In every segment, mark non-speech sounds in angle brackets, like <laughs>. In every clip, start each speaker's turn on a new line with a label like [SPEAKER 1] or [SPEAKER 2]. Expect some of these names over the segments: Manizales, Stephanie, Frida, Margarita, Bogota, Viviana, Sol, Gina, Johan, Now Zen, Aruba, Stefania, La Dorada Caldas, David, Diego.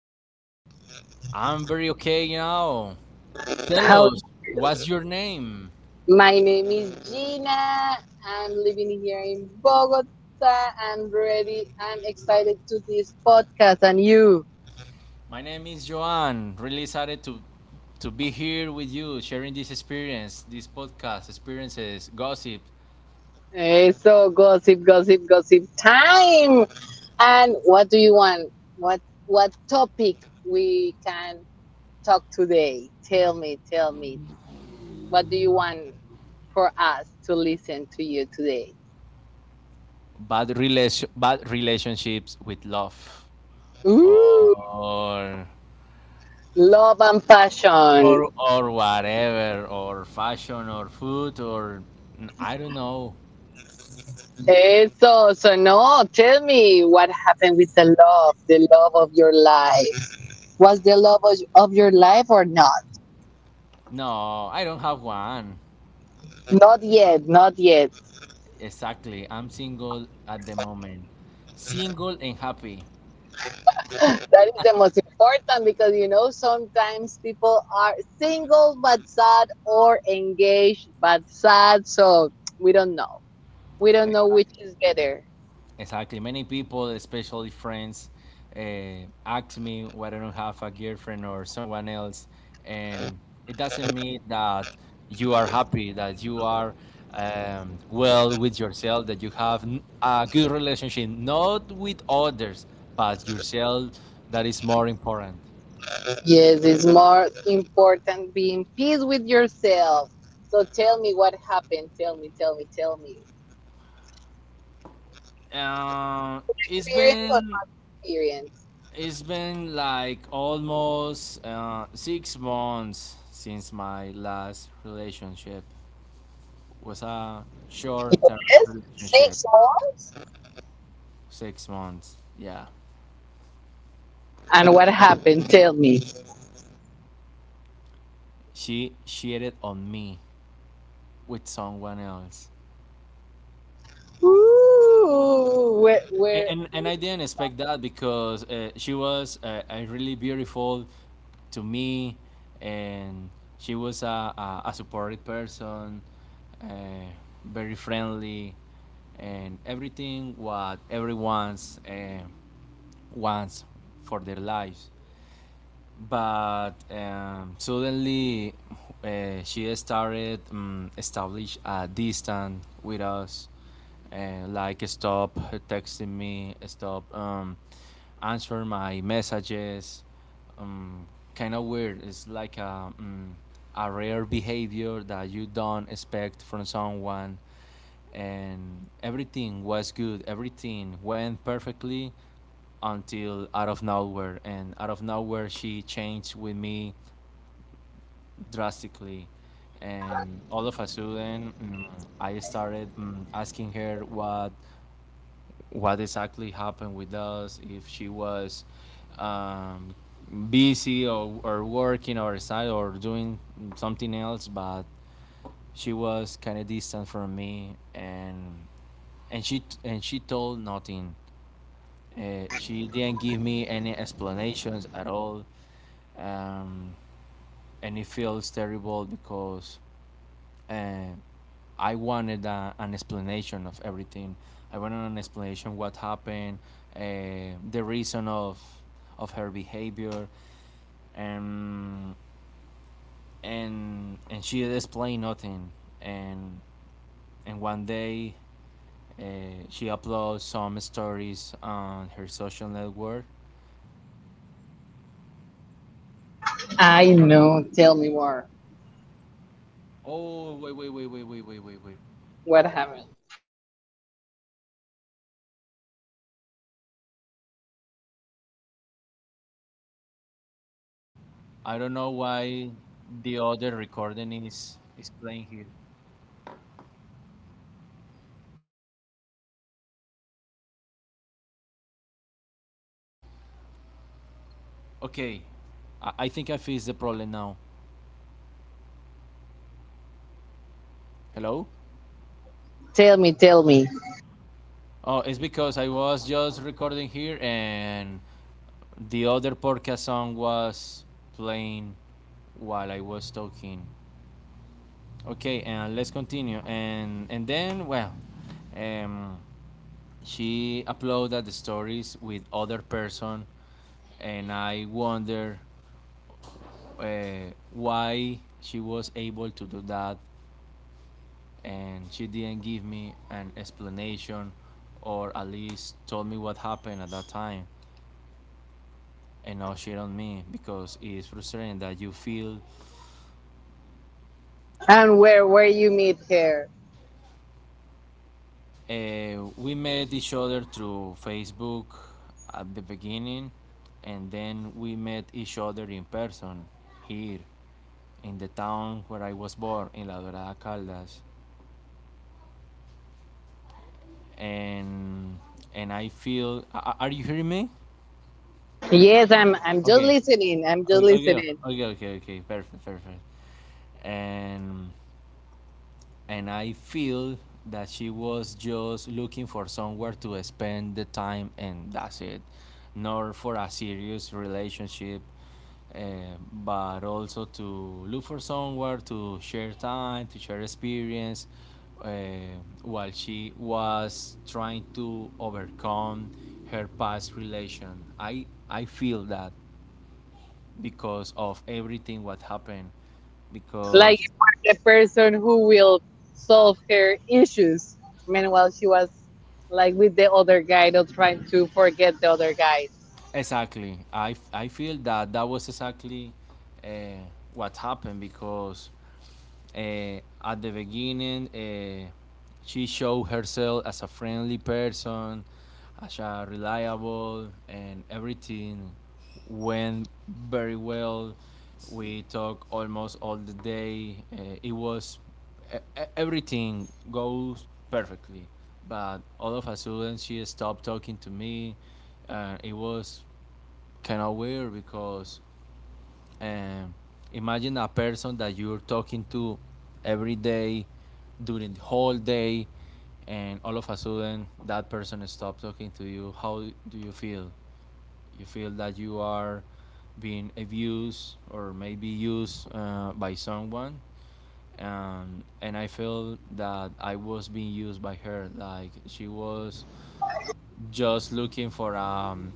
[SPEAKER 1] you?
[SPEAKER 2] I'm very okay now. Tell
[SPEAKER 1] How
[SPEAKER 2] us, what's your name?
[SPEAKER 1] My name is Gina. I'm living here in Bogota. I'm ready. I'm excited to this podcast and you.
[SPEAKER 2] My name is Joan. Really excited to be here with you, sharing this experience, this podcast, experiences, gossip,
[SPEAKER 1] Hey, so gossip, gossip, gossip time. And what do you want? What topic we can talk today? Tell me, tell me. What do you want for us to listen to you today?
[SPEAKER 2] bad relationships with love,
[SPEAKER 1] Ooh,
[SPEAKER 2] or
[SPEAKER 1] love and passion.
[SPEAKER 2] whatever, or fashion, or food, or I don't know.
[SPEAKER 1] Eso, so no, tell me what happened with the love of your life. Was the love of your life or not?
[SPEAKER 2] No, I don't have one.
[SPEAKER 1] Not yet, not yet.
[SPEAKER 2] Exactly. I'm single at the moment. Single and happy.
[SPEAKER 1] <laughs> That is the most important because you know sometimes people are single but sad or engaged but sad, so we don't know. We don't know which
[SPEAKER 2] Exactly.
[SPEAKER 1] is better.
[SPEAKER 2] Exactly. Many people, especially friends, ask me why I don't have a girlfriend or someone else. And it doesn't mean that you are happy, that you are well with yourself, that you have a good relationship, not with others, but yourself. That is more important.
[SPEAKER 1] Yes, it's more important being peace with yourself. So tell me what happened. Tell me, tell me, tell me.
[SPEAKER 2] Uh, it's
[SPEAKER 1] Experience or
[SPEAKER 2] been
[SPEAKER 1] not experience?
[SPEAKER 2] It's been like almost 6 months since my last relationship was a short-term
[SPEAKER 1] Yes,
[SPEAKER 2] relationship.
[SPEAKER 1] 6 months.
[SPEAKER 2] 6 months, yeah.
[SPEAKER 1] And what happened? Tell me.
[SPEAKER 2] She cheated on me with someone else.
[SPEAKER 1] Ooh, where,
[SPEAKER 2] A-
[SPEAKER 1] where?
[SPEAKER 2] and and I didn't expect that because she was really beautiful to me, and she was a supportive person, uh, very friendly, and everything what everyone's wants for their lives. But suddenly, she started, establish a distance with us, like stop texting me, stop, answer my messages, um, kind of weird. It's like um, a rare behavior that you don't expect from someone. And everything was good. Everything went perfectly until out of nowhere, and out of nowhere she changed with me drastically, and all of a sudden, I started, asking her what exactly happened with us, if she was, um, busy, or working outside, or doing something else. But she was kind of distant from me, and she told nothing. She didn't give me any explanations at all, um, and it feels terrible because, uh, I wanted an explanation of everything. I wanted an explanation what happened, the reason of her behavior, and and she explained nothing. And and one day, she uploads some stories on her social network.
[SPEAKER 1] I know. Tell me more.
[SPEAKER 2] We-
[SPEAKER 1] What happened?
[SPEAKER 2] I don't know why the other recording is playing here. Okay, I think I fixed the problem now. Hello?
[SPEAKER 1] Tell me, tell me.
[SPEAKER 2] Oh, it's because I was just recording here, and the other podcast song was playing while I was talking. Okay, and let's continue. And then, well, um, she uploaded the stories with other person, and I wonder, why she was able to do that, and she didn't give me an explanation, or at least told me what happened at that time and now shit on me because it's frustrating that you feel,
[SPEAKER 1] And where you meet her?
[SPEAKER 2] we met each other through facebook at the beginning, and then we met each other in person here in the town where I was born, in La Dorada Caldas, and and I feel. Are you hearing me?
[SPEAKER 1] Yes, I'm just
[SPEAKER 2] Okay.
[SPEAKER 1] listening. I'm just
[SPEAKER 2] Okay.
[SPEAKER 1] listening.
[SPEAKER 2] Okay. Okay. Okay. Perfect. Perfect. And and I feel that she was just looking for somewhere to spend the time, and that's it. Not for a serious relationship, but also to look for somewhere to share time, to share experience, eh, while she was trying to overcome her past relation. I feel that because of everything what happened,
[SPEAKER 1] Like
[SPEAKER 2] because...
[SPEAKER 1] you are the person who will solve her issues. Meanwhile, she was like with the other guy, not trying to forget the other guys.
[SPEAKER 2] Exactly. I feel that that was exactly, uh, what happened because, uh, at the beginning, she showed herself as a friendly person, as a reliable, and everything went very well. We talked almost all the day. It was e- e- Everything goes perfectly, but all of a sudden she stopped talking to me, and it was kind of weird because, um, imagine a person that you're talking to every day during the whole day, and all of a sudden that person stopped talking to you. How do you feel? You feel that you are being abused, or maybe used, by someone, and I feel that I was being used by her. Like she was just looking for, um,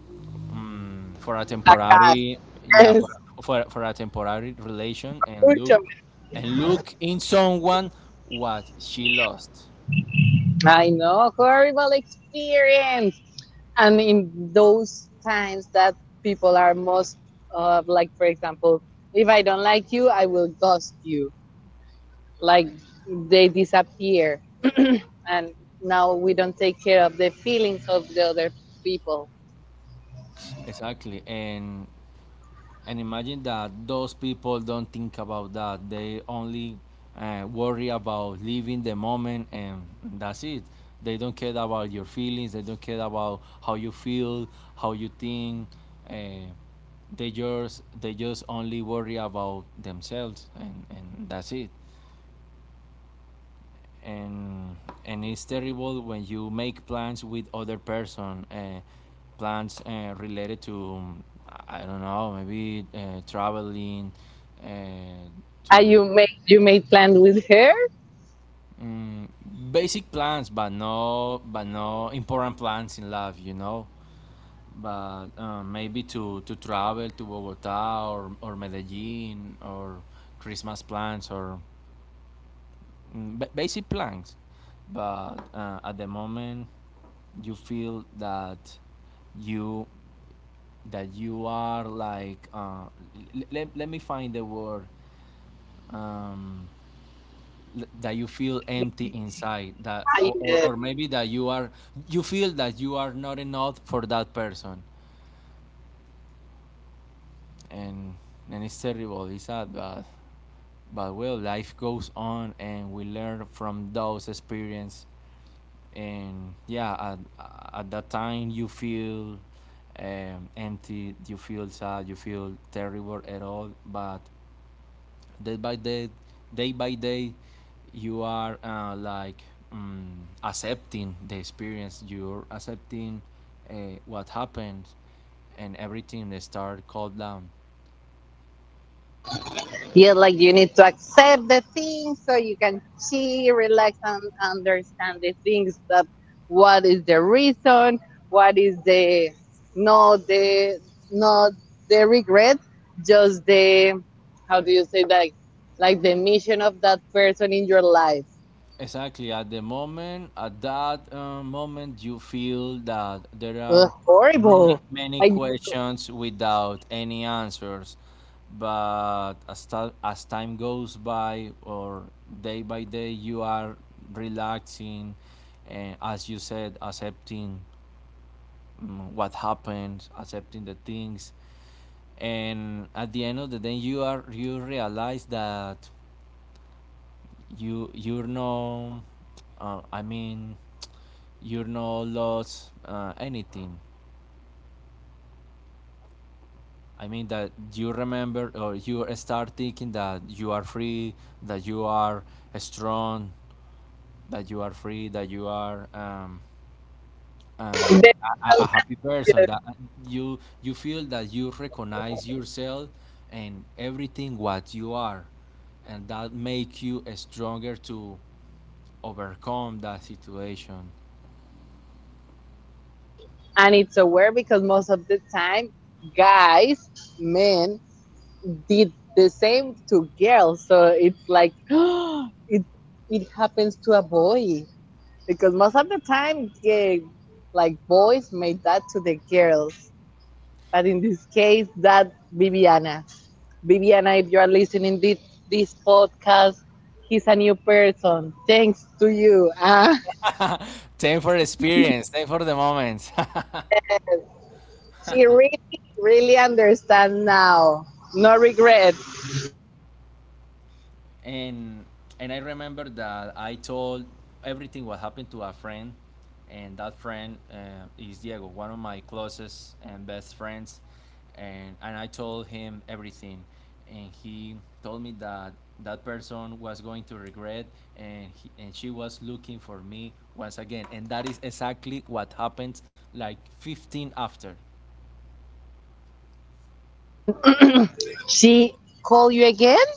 [SPEAKER 2] mm, for a
[SPEAKER 1] Acá,
[SPEAKER 2] temporary, yeah, for,
[SPEAKER 1] yes.
[SPEAKER 2] for a temporary relation and look
[SPEAKER 1] Escúchame.
[SPEAKER 2] and look in someone what she lost.
[SPEAKER 1] I know. Horrible experience. And in those times that people are most, like, for example, if I don't like you, I will ghost you, like, they disappear. <clears throat> And now we don't take care of the feelings of the other people.
[SPEAKER 2] Exactly. And imagine that those people don't think about that. They only, worry about living the moment, and that's it. They don't care about your feelings, they don't care about how you feel, how you think, uh, they just only worry about themselves, and that's it. And and it's terrible when you make plans with other person, plans, related to, I don't know, maybe, traveling, uh,
[SPEAKER 1] are
[SPEAKER 2] to,
[SPEAKER 1] you made you made plans with her?
[SPEAKER 2] mm basic plans. But no, important plans in life. But, maybe to travel to bogota, or medellin, or christmas plans, or, basic plans. But, at the moment, you feel that you you are like, let me find the word, um, that you feel empty inside, that
[SPEAKER 1] I,
[SPEAKER 2] or,
[SPEAKER 1] uh,
[SPEAKER 2] maybe that you are, you feel that you are not enough for that person. And and it's terrible, it's sad, but, well, life goes on, and we learn from those experience. And yeah, at that time you feel, empty, you feel sad, you feel terrible at all. But day by day, day by day you are, like, accepting the experience, you're accepting, what happens, and everything they start calm down.
[SPEAKER 1] Yeah, like you need to accept the things so you can chill, relax, and understand the things, that what is the reason, what is the, not the not the regret, just the, how do you say that, like the mission of that person in your life.
[SPEAKER 2] Exactly. At the moment, at that, moment, you feel that there
[SPEAKER 1] Ugh,
[SPEAKER 2] are many,
[SPEAKER 1] horrible.
[SPEAKER 2] many
[SPEAKER 1] Like,
[SPEAKER 2] questions without any answers. But as time goes by, or day by day, you are relaxing, and as you said, accepting, what happened, accepting the things, and at the end of the day, you realize that you you're no, I mean, you know lost, anything. I mean that you remember, or you start thinking that you are free, that you are strong, that you are free, that you are,
[SPEAKER 1] <laughs>
[SPEAKER 2] uh,
[SPEAKER 1] the,
[SPEAKER 2] a, a happy person. That you feel that you recognize yourself and everything what you are, and that make you stronger to overcome that situation.
[SPEAKER 1] and it's aware because most of the time guys, men, did the same to girls, so it's like <gasps> it it happens to a boy because most of the time, yeah, like boys made that to the girls. But in this case, that Viviana, Viviana, if you are listening this podcast, he's a new person thanks to you. Ah, <laughs>
[SPEAKER 2] Thank for the experience. Thank for the moments. <laughs>
[SPEAKER 1] she really really understands now, no regret.
[SPEAKER 2] and and I remember that I told everything what happened to a friend, and that friend, is Diego, one of my closest and best friends, and I told him everything, and he told me that that person was going to regret, and she was looking for me once again, and that is exactly what happened like 15 after.
[SPEAKER 1] She called you again?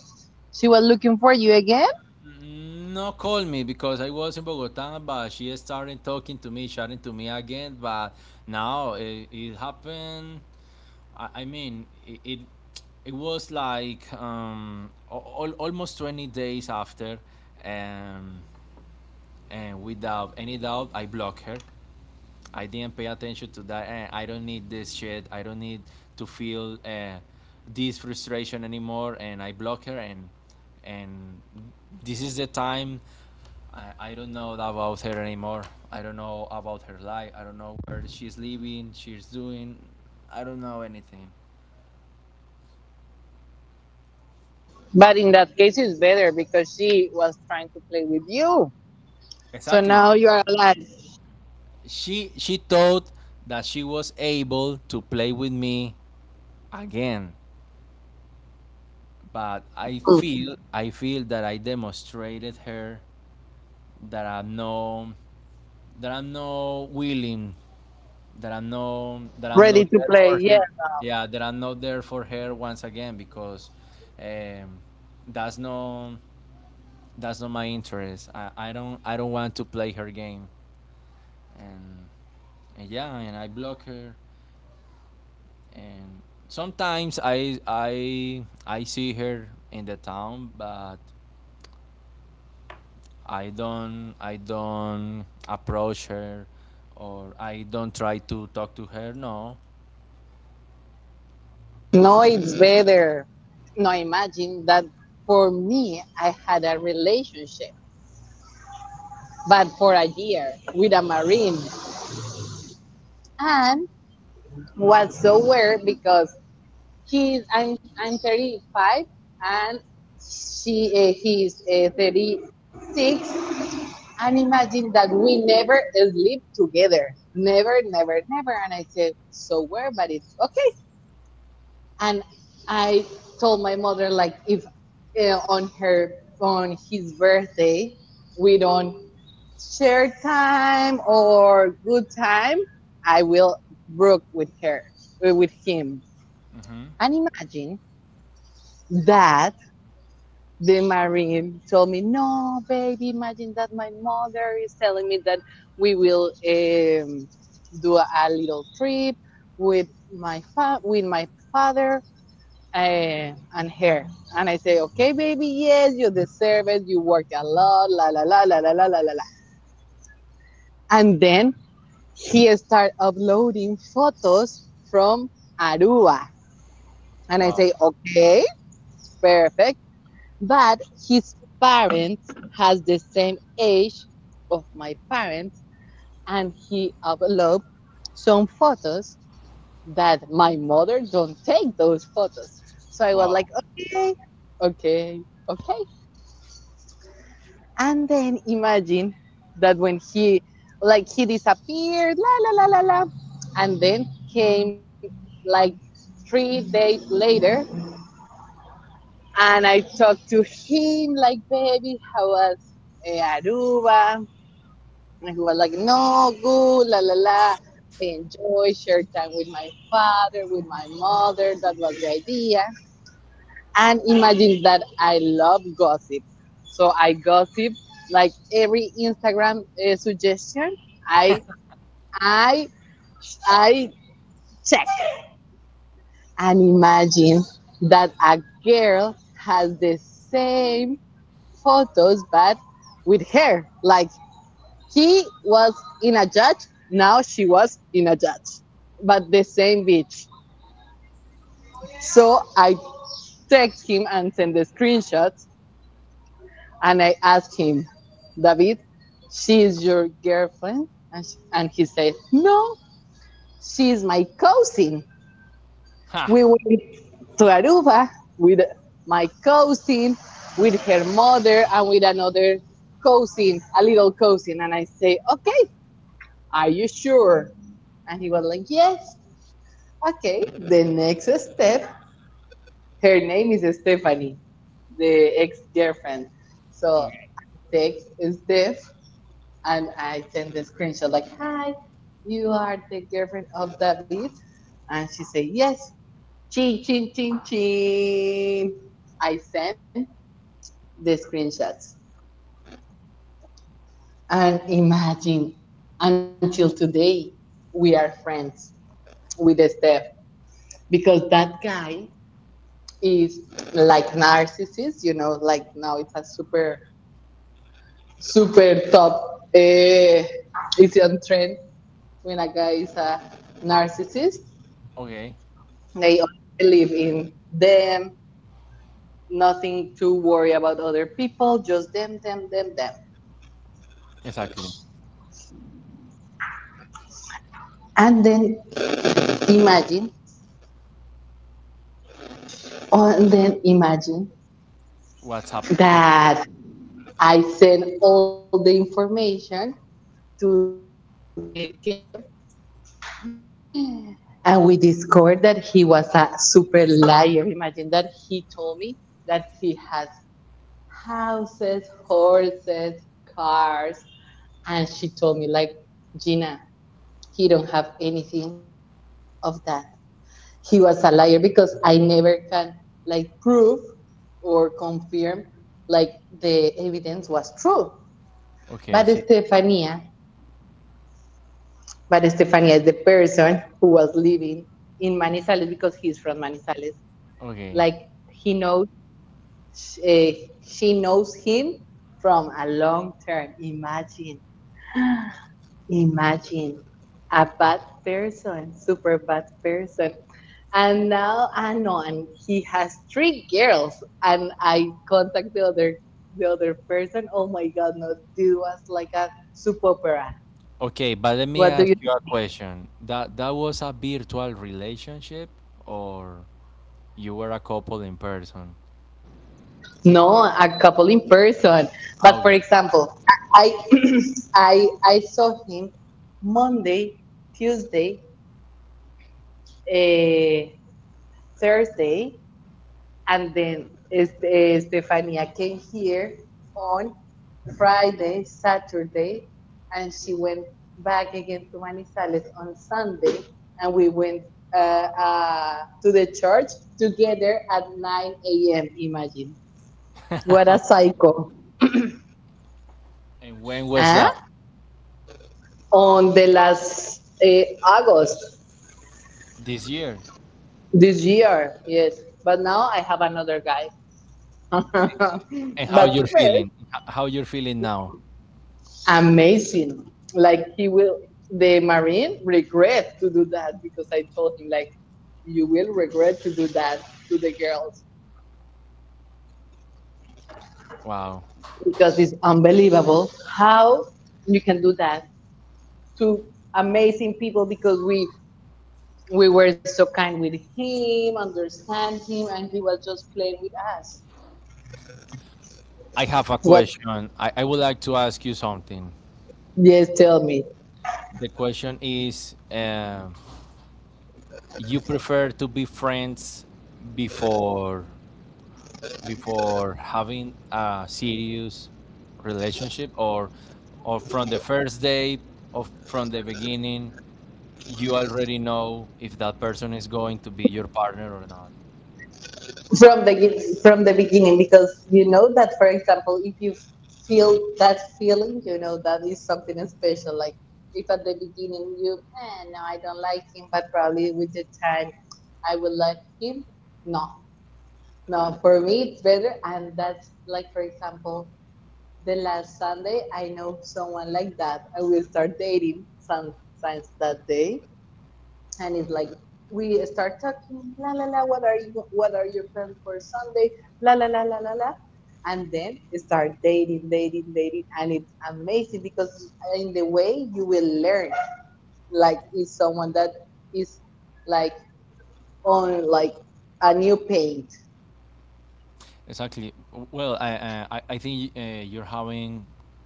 [SPEAKER 1] She was looking for you again?
[SPEAKER 2] No, call me because I was in Bogota, but she started talking to me, chatting to me again. But now it happened. I mean, it was like, almost 20 days after, um, and without any doubt, I blocked her. I didn't pay attention to that. And I don't need this shit. I don't need to feel, this frustration anymore. And I block her. And this is the time. I don't know about her anymore. I don't know about her life. I don't know where she's living. She's doing. I don't know anything.
[SPEAKER 1] But in that case, it's better because she was trying to play with you. So
[SPEAKER 2] Exactly.
[SPEAKER 1] now you
[SPEAKER 2] Exactly.
[SPEAKER 1] are like
[SPEAKER 2] She thought that she was able to play with me again, but I feel that I demonstrated her that I'm not willing, that I'm not that I'm
[SPEAKER 1] ready
[SPEAKER 2] not
[SPEAKER 1] to
[SPEAKER 2] there for
[SPEAKER 1] play. Yeah.
[SPEAKER 2] her. Yeah, that I'm not there for her once again because, um, that's not that's not my interest. I don't want to play her game, and, and yeah, and I block her, and sometimes I see her in the town, but I don't approach her, or I don't try to talk to her. No.
[SPEAKER 1] No, it's better. No, imagine that for me, I had a relationship, but for a year with a Marine. And was so weird because I'm 35, and she he's, 36. And imagine that we never sleep together. Never, never, never. And I said, so where? But it's okay. And I told my mother, like, if uh, on her, on his birthday, we don't share time or good time, I will broke with her, with him.
[SPEAKER 2] Hmm.
[SPEAKER 1] And imagine that the Marine told me, "No, baby, imagine that my mother is telling me that we will, do a little trip with my with my father, and her." And I say, "Okay, baby, yes, you deserve it. You work a lot, la la la la la la la la." la." And then he started uploading photos from Aruba, and I say,
[SPEAKER 2] Wow.
[SPEAKER 1] "Okay, perfect." But his parents has the same age of my parents, and he uploaded some photos that my mother don't take those photos. So I was
[SPEAKER 2] Wow.
[SPEAKER 1] like, okay, okay, okay. And then imagine that when he, like, he disappeared, la la la la la, and then came like 3 days later. And I talked to him like, baby, how was, Aruba? And he was like, no, good, la, la, la, enjoy, share time with my father, with my mother. That was the idea. And imagine that I love gossip. So I gossip like every Instagram, suggestion. I, I, I check. And imagine that a girl has the same photos, but with her. Like he was in a judge, now she was in a judge, but the same beach. So I text him and send the screenshots, and I asked him, David, she is your girlfriend? And, sh and he said, no, she is my cousin.
[SPEAKER 2] Ha.
[SPEAKER 1] We went to Aruba with my cousin, with her mother, and with another cousin, a little cousin. And I say, okay, are you sure? And he was like, yes. Okay. The next step, her name is Stephanie, the ex girlfriend. So
[SPEAKER 2] Okay.
[SPEAKER 1] I text Steph and I send the screenshot, like, hi, you are the girlfriend of David? And she said, yes. Chin, chin, chin, chin. I send the screenshots. And imagine, until today, we are friends with Steph because that guy is, like, narcissist, you know, like, now it's a super, super top. Uh, it's on trend when a guy is a narcissist.
[SPEAKER 2] Okay.
[SPEAKER 1] They only believe in them, nothing to worry about other people, just them, them, them, them.
[SPEAKER 2] Exactly.
[SPEAKER 1] And then imagine, oh, and then imagine
[SPEAKER 2] What's happened?
[SPEAKER 1] that I send all the information to the girl. And we discovered that he was a super liar. Imagine that he told me that he has houses, horses, cars, and she told me like, Gina, he don't have anything of that. He was a liar because I never can, like, prove or confirm, like, the evidence was true.
[SPEAKER 2] Okay.
[SPEAKER 1] But
[SPEAKER 2] See.
[SPEAKER 1] Stefania But Estefania is the person who was living in Manizales because he's from Manizales.
[SPEAKER 2] Okay.
[SPEAKER 1] Like he knows, she knows him from a long term. Imagine, imagine a bad person, super bad person. And now I know, and he has three girls. And I contact the other person. Oh my God, no, dude was like a soap opera.
[SPEAKER 2] Okay. But let me
[SPEAKER 1] What do
[SPEAKER 2] ask
[SPEAKER 1] you?
[SPEAKER 2] you a question. That was a virtual relationship, or you were a couple in person?
[SPEAKER 1] No, a couple in person. But for
[SPEAKER 2] Okay.
[SPEAKER 1] example, I <clears throat> I saw him Monday, Tuesday, eh, Thursday, and then Stefania came here on Friday, Saturday, and she went back again to Manizales on Sunday, and we went, uh, uh, to the church together at 9 a.m. Imagine what a cycle,
[SPEAKER 2] And when was
[SPEAKER 1] huh?
[SPEAKER 2] that?
[SPEAKER 1] On the last, August
[SPEAKER 2] This year.
[SPEAKER 1] this year. Yes, but now I have another guy. <laughs>
[SPEAKER 2] And how
[SPEAKER 1] But
[SPEAKER 2] you're
[SPEAKER 1] first,
[SPEAKER 2] feeling? How you're feeling now?
[SPEAKER 1] amazing. Like he will, the Marine regret to do that because I told him like, you will regret to do that to the girls
[SPEAKER 2] Wow.
[SPEAKER 1] because it's unbelievable how you can do that to amazing people because we were so kind with him, understand him, and he was just playing with us.
[SPEAKER 2] I have a
[SPEAKER 1] What?
[SPEAKER 2] question. I would like to ask you something.
[SPEAKER 1] Yes, tell me.
[SPEAKER 2] The question is, you prefer to be friends before before having a serious relationship, or from the first day, or from the beginning you already know if that person is going to be your partner or not.
[SPEAKER 1] From the beginning, because you know that, for example, if you feel that feeling, you know that is something special. Like, if at the beginning you, eh, no, I don't like him, but probably with the time, I will like him. No, no, for me it's better, and that's like, for example, the last Sunday I know someone like that. I will start dating some since that day, and it's like, we start talking la la la, what are you, what are your plans for Sunday, la la la la la la, and then start dating, dating, dating. And it's amazing because in the way you will learn, like, is someone that is, like, on, like, a new paint.
[SPEAKER 2] Exactly. Well, I think, you're having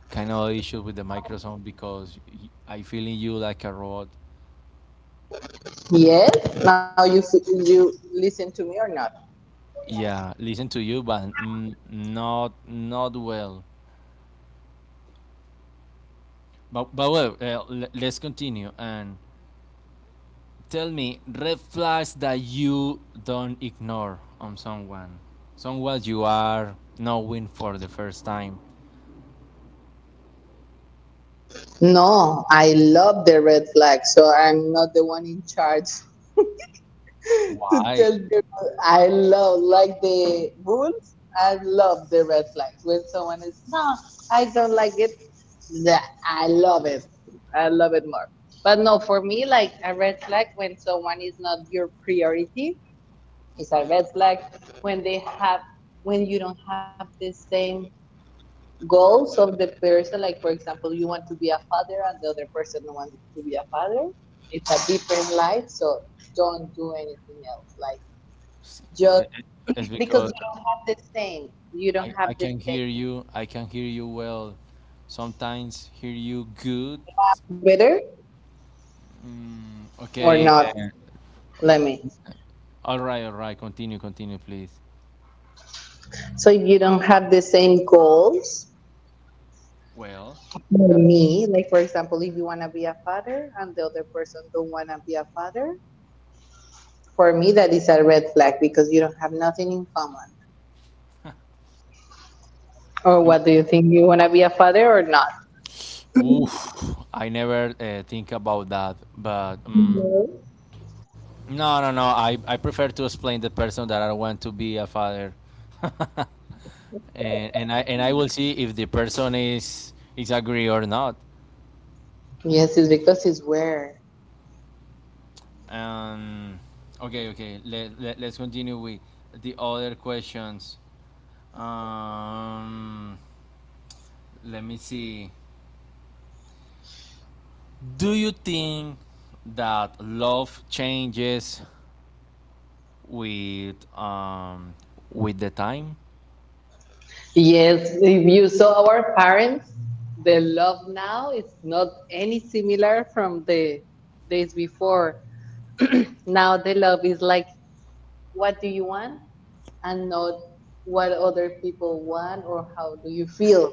[SPEAKER 2] kind of issue with the microphone because I feeling you like a robot.
[SPEAKER 1] Yes, now you you listen to me or not?
[SPEAKER 2] Yeah, listen to you, but, not well. But well, let's continue and tell me red flags that you don't ignore on someone, someone you are knowing for the first time.
[SPEAKER 1] No, I love the red flag, so I'm not the one in charge to
[SPEAKER 2] Why?
[SPEAKER 1] tell people. I love, like, the rules. I love the red flags. When someone is no, I don't like it. That I love it. I love it more. But no, for me, like a red flag when someone is not your priority is a red flag. When they have, when you don't have the same goals of the person. Like, for example, you want to be a father and the other person wants to be a father. It's a different life, so don't do anything else. Like,
[SPEAKER 2] S-
[SPEAKER 1] just
[SPEAKER 2] i- i- It's
[SPEAKER 1] because you
[SPEAKER 2] because
[SPEAKER 1] don't have this thing. You don't
[SPEAKER 2] I
[SPEAKER 1] have
[SPEAKER 2] I
[SPEAKER 1] this
[SPEAKER 2] can
[SPEAKER 1] thing.
[SPEAKER 2] hear you. I can hear you well. Sometimes hear you good.
[SPEAKER 1] Whether
[SPEAKER 2] Mm,
[SPEAKER 1] or
[SPEAKER 2] okay.
[SPEAKER 1] not, let me.
[SPEAKER 2] All right. All right. Continue. Continue, please.
[SPEAKER 1] So if you don't have the same goals,
[SPEAKER 2] Well.
[SPEAKER 1] for
[SPEAKER 2] that-
[SPEAKER 1] me, like for example, if you want to be a father and the other person don't want to be a father, for me that is a red flag because you don't have nothing in common. Or what do you think? You want to be a father or not?
[SPEAKER 2] Oof, I never, think about that, but
[SPEAKER 1] No.
[SPEAKER 2] no, no, no. I prefer to explain the person that I want to be a father. <laughs> And I will see if the person is agree or not.
[SPEAKER 1] Yes, it's because it's weird.
[SPEAKER 2] Um, okay, okay. Let's continue with the other questions. Um, let me see. Do you think that love changes with um with the time?
[SPEAKER 1] Yes, if you saw our parents, the love now is not any similar from the days before. <clears throat> Now the love is like, what do you want? And not what other people want or how do you feel.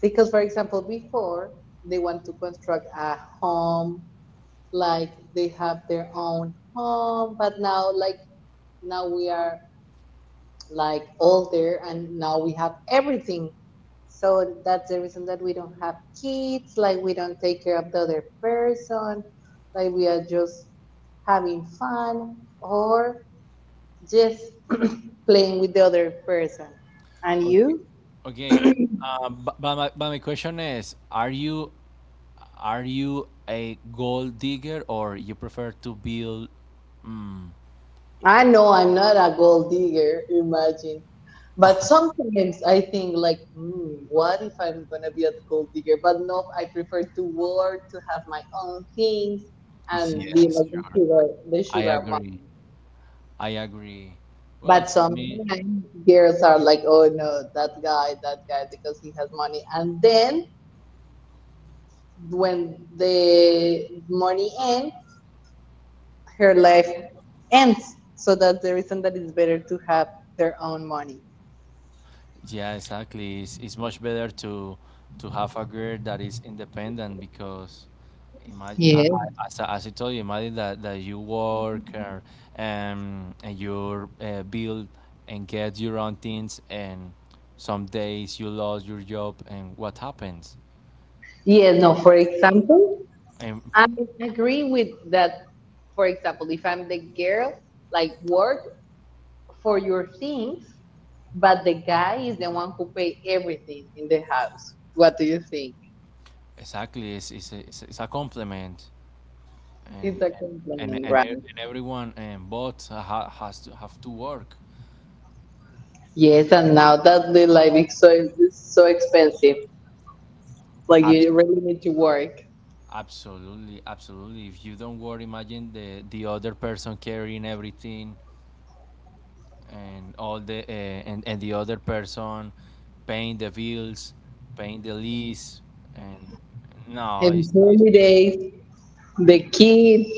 [SPEAKER 1] Because, for example, before they want to construct a home, like they have their own home. But now, like, now we are like all there, and now we have everything. So that's the reason that we don't have kids, like we don't take care of the other person. Like we are just having fun, or just <clears throat> playing with the other person and
[SPEAKER 2] Okay.
[SPEAKER 1] you.
[SPEAKER 2] Okay. But my question is, are you a gold digger or you prefer to build? Mm,
[SPEAKER 1] I know I'm not a gold digger, imagine. But sometimes I think, like, mm, what if I'm gonna be a gold digger? But no, I prefer to work, to have my own things, and be
[SPEAKER 2] yes,
[SPEAKER 1] like
[SPEAKER 2] sure.
[SPEAKER 1] the
[SPEAKER 2] I
[SPEAKER 1] sugar
[SPEAKER 2] agree.
[SPEAKER 1] mom.
[SPEAKER 2] I agree. Well,
[SPEAKER 1] But
[SPEAKER 2] for me.
[SPEAKER 1] sometimes girls are like, oh no, that guy, because he has money. And then when the money ends, her life ends. So that's the reason that it's better to have their own money.
[SPEAKER 2] Yeah, exactly. It's much better to have a girl that is independent, because imagine,
[SPEAKER 1] Yes.
[SPEAKER 2] as I told you, imagine that you work, or and you build and get your own things, and some days you lost your job, and what happens?
[SPEAKER 1] Yeah, no, for example,
[SPEAKER 2] And
[SPEAKER 1] I agree with that. For example, if I'm the girl, like, work for your things, but the guy is the one who pay everything in the house. What do you think?
[SPEAKER 2] exactly, it's a compliment,
[SPEAKER 1] It's
[SPEAKER 2] and
[SPEAKER 1] a
[SPEAKER 2] and and,
[SPEAKER 1] compliment,
[SPEAKER 2] and,
[SPEAKER 1] right?
[SPEAKER 2] e- and everyone and both has to have to work.
[SPEAKER 1] Yes, and now that the life is so, is so expensive, like, you
[SPEAKER 2] Absolutely.
[SPEAKER 1] really need to work
[SPEAKER 2] Absolutely, absolutely. If you don't worry, imagine the other person carrying everything, and all the and the other person paying the bills, paying the lease, and no,
[SPEAKER 1] and
[SPEAKER 2] it's, it's,
[SPEAKER 1] holidays, the
[SPEAKER 2] it's
[SPEAKER 1] kids.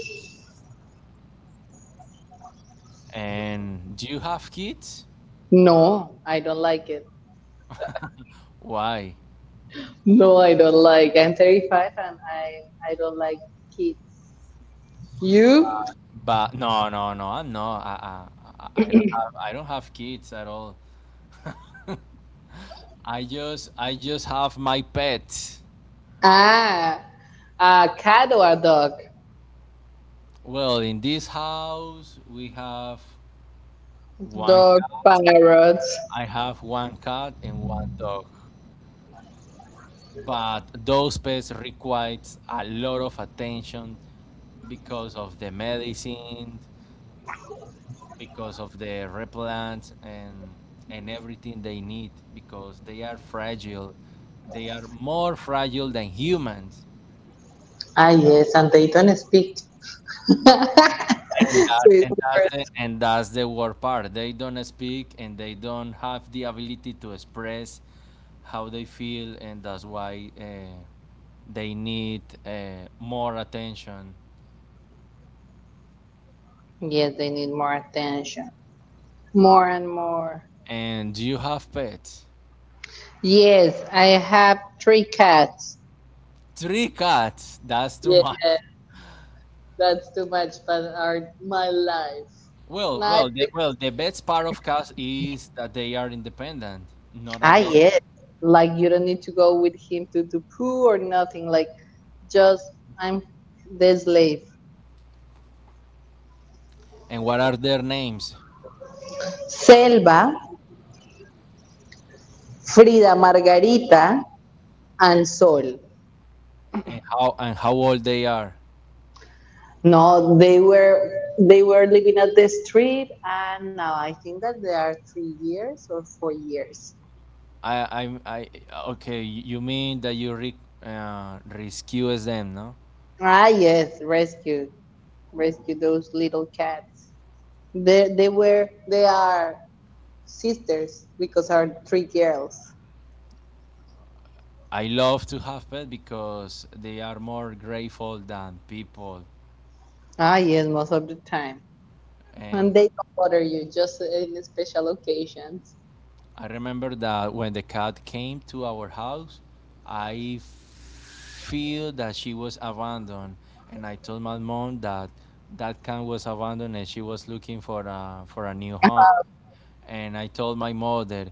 [SPEAKER 2] and do you have kids?
[SPEAKER 1] No, I don't like it.
[SPEAKER 2] Why?
[SPEAKER 1] No, I don't like. I'm 35 and I don't like kids. You?
[SPEAKER 2] But no, no, no. I'm not. I don't have kids at all. I just have my pets.
[SPEAKER 1] Ah, a cat or a dog?
[SPEAKER 2] Well, in this house we have one
[SPEAKER 1] Dog
[SPEAKER 2] cat.
[SPEAKER 1] parrots.
[SPEAKER 2] I have one cat and one dog. But those pets require a lot of attention because of the medicine, because of the replant and everything they need, because they are fragile. They are more fragile than humans.
[SPEAKER 1] Ah, yes, and they don't speak. <laughs> So
[SPEAKER 2] and
[SPEAKER 1] it's
[SPEAKER 2] that and that's
[SPEAKER 1] super-
[SPEAKER 2] the and that's the worst part. They don't speak and they don't have the ability to express how they feel, and that's why they need more attention.
[SPEAKER 1] Yes, they need more attention. More and more.
[SPEAKER 2] And do you have pets?
[SPEAKER 1] Yes, I have three cats.
[SPEAKER 2] Three cats. That's too
[SPEAKER 1] Yeah,
[SPEAKER 2] much.
[SPEAKER 1] that's too much, but are my life.
[SPEAKER 2] Well,
[SPEAKER 1] Not
[SPEAKER 2] well, the,
[SPEAKER 1] the-
[SPEAKER 2] well. The best part of cats is that they are independent, not
[SPEAKER 1] ah,
[SPEAKER 2] adult.
[SPEAKER 1] yes. Like you don't need to go with him to do poo or nothing. Like, just, I'm the slave.
[SPEAKER 2] And what are their names?
[SPEAKER 1] Selva, Frida Margarita, and Sol.
[SPEAKER 2] And how old they are?
[SPEAKER 1] No, they were living at the street, and now I think that they are 3 years or 4 years.
[SPEAKER 2] I, I, okay, you mean that you rescue them, no?
[SPEAKER 1] Ah, yes, rescue, rescue those little cats. They are sisters because are three girls.
[SPEAKER 2] I love to have pets, because they are more grateful than people,
[SPEAKER 1] Ah, yes, most of the time, and
[SPEAKER 2] and
[SPEAKER 1] they don't bother you just in special occasions.
[SPEAKER 2] I remember that when the cat came to our house, I feel that she was abandoned, and I told my mom that that cat was abandoned and she was looking for a new home. And I told my mother,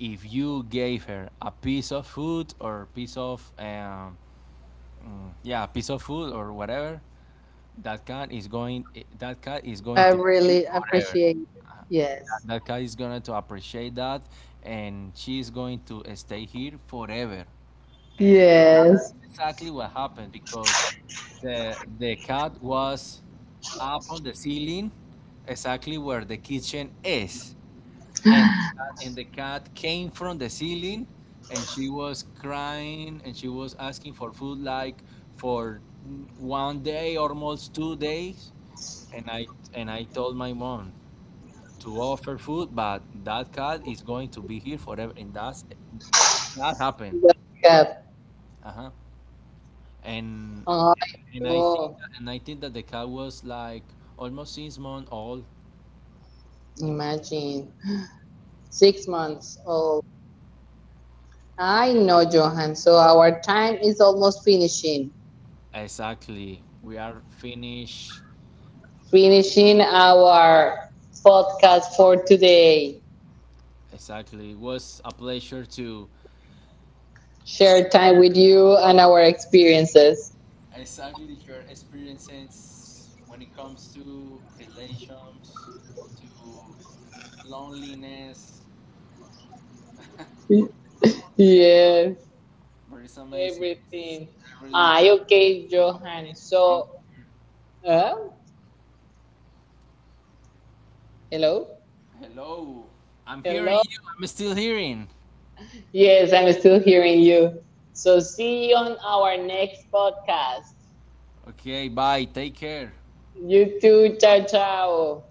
[SPEAKER 2] if you gave her a piece of food or piece of yeah, piece of food or whatever, that cat is going
[SPEAKER 1] I
[SPEAKER 2] to be
[SPEAKER 1] really
[SPEAKER 2] forever,
[SPEAKER 1] appreciate it. Yes,
[SPEAKER 2] that cat is going to appreciate that and she is going to stay here forever, and that
[SPEAKER 1] yes.
[SPEAKER 2] is exactly what happened, because the cat was up on the ceiling, exactly where the kitchen is,
[SPEAKER 1] <laughs>
[SPEAKER 2] and the cat came from the ceiling, and she was crying and she was asking for food, like, for one day, almost 2 days, and i and I told my mom to offer food, but that cat is going to be here forever, and that happened.
[SPEAKER 1] Welcome.
[SPEAKER 2] Uh huh.
[SPEAKER 1] I
[SPEAKER 2] And and I
[SPEAKER 1] know.
[SPEAKER 2] think and I think that the cat was like almost 6 months old.
[SPEAKER 1] Imagine. 6 months old. I know, Johan. So our time is almost finishing.
[SPEAKER 2] Exactly. We are finished.
[SPEAKER 1] Finishing our podcast for today.
[SPEAKER 2] Exactly. It was a pleasure to
[SPEAKER 1] Share time with you and our experiences.
[SPEAKER 2] exactly your experiences when it comes to relations, to loneliness, to pets.
[SPEAKER 1] Yes,
[SPEAKER 2] But it's amazing. It's
[SPEAKER 1] everything.
[SPEAKER 2] a really
[SPEAKER 1] Ah,
[SPEAKER 2] good
[SPEAKER 1] okay,
[SPEAKER 2] place
[SPEAKER 1] Johan.
[SPEAKER 2] with you.
[SPEAKER 1] So, uh, hello,
[SPEAKER 2] Hello. I'm hearing
[SPEAKER 1] hello.
[SPEAKER 2] you. I'm still hearing.
[SPEAKER 1] Yes, I'm still hearing you. So, see you on our next podcast.
[SPEAKER 2] Okay, bye. Take care.
[SPEAKER 1] YouTube, chao, chao.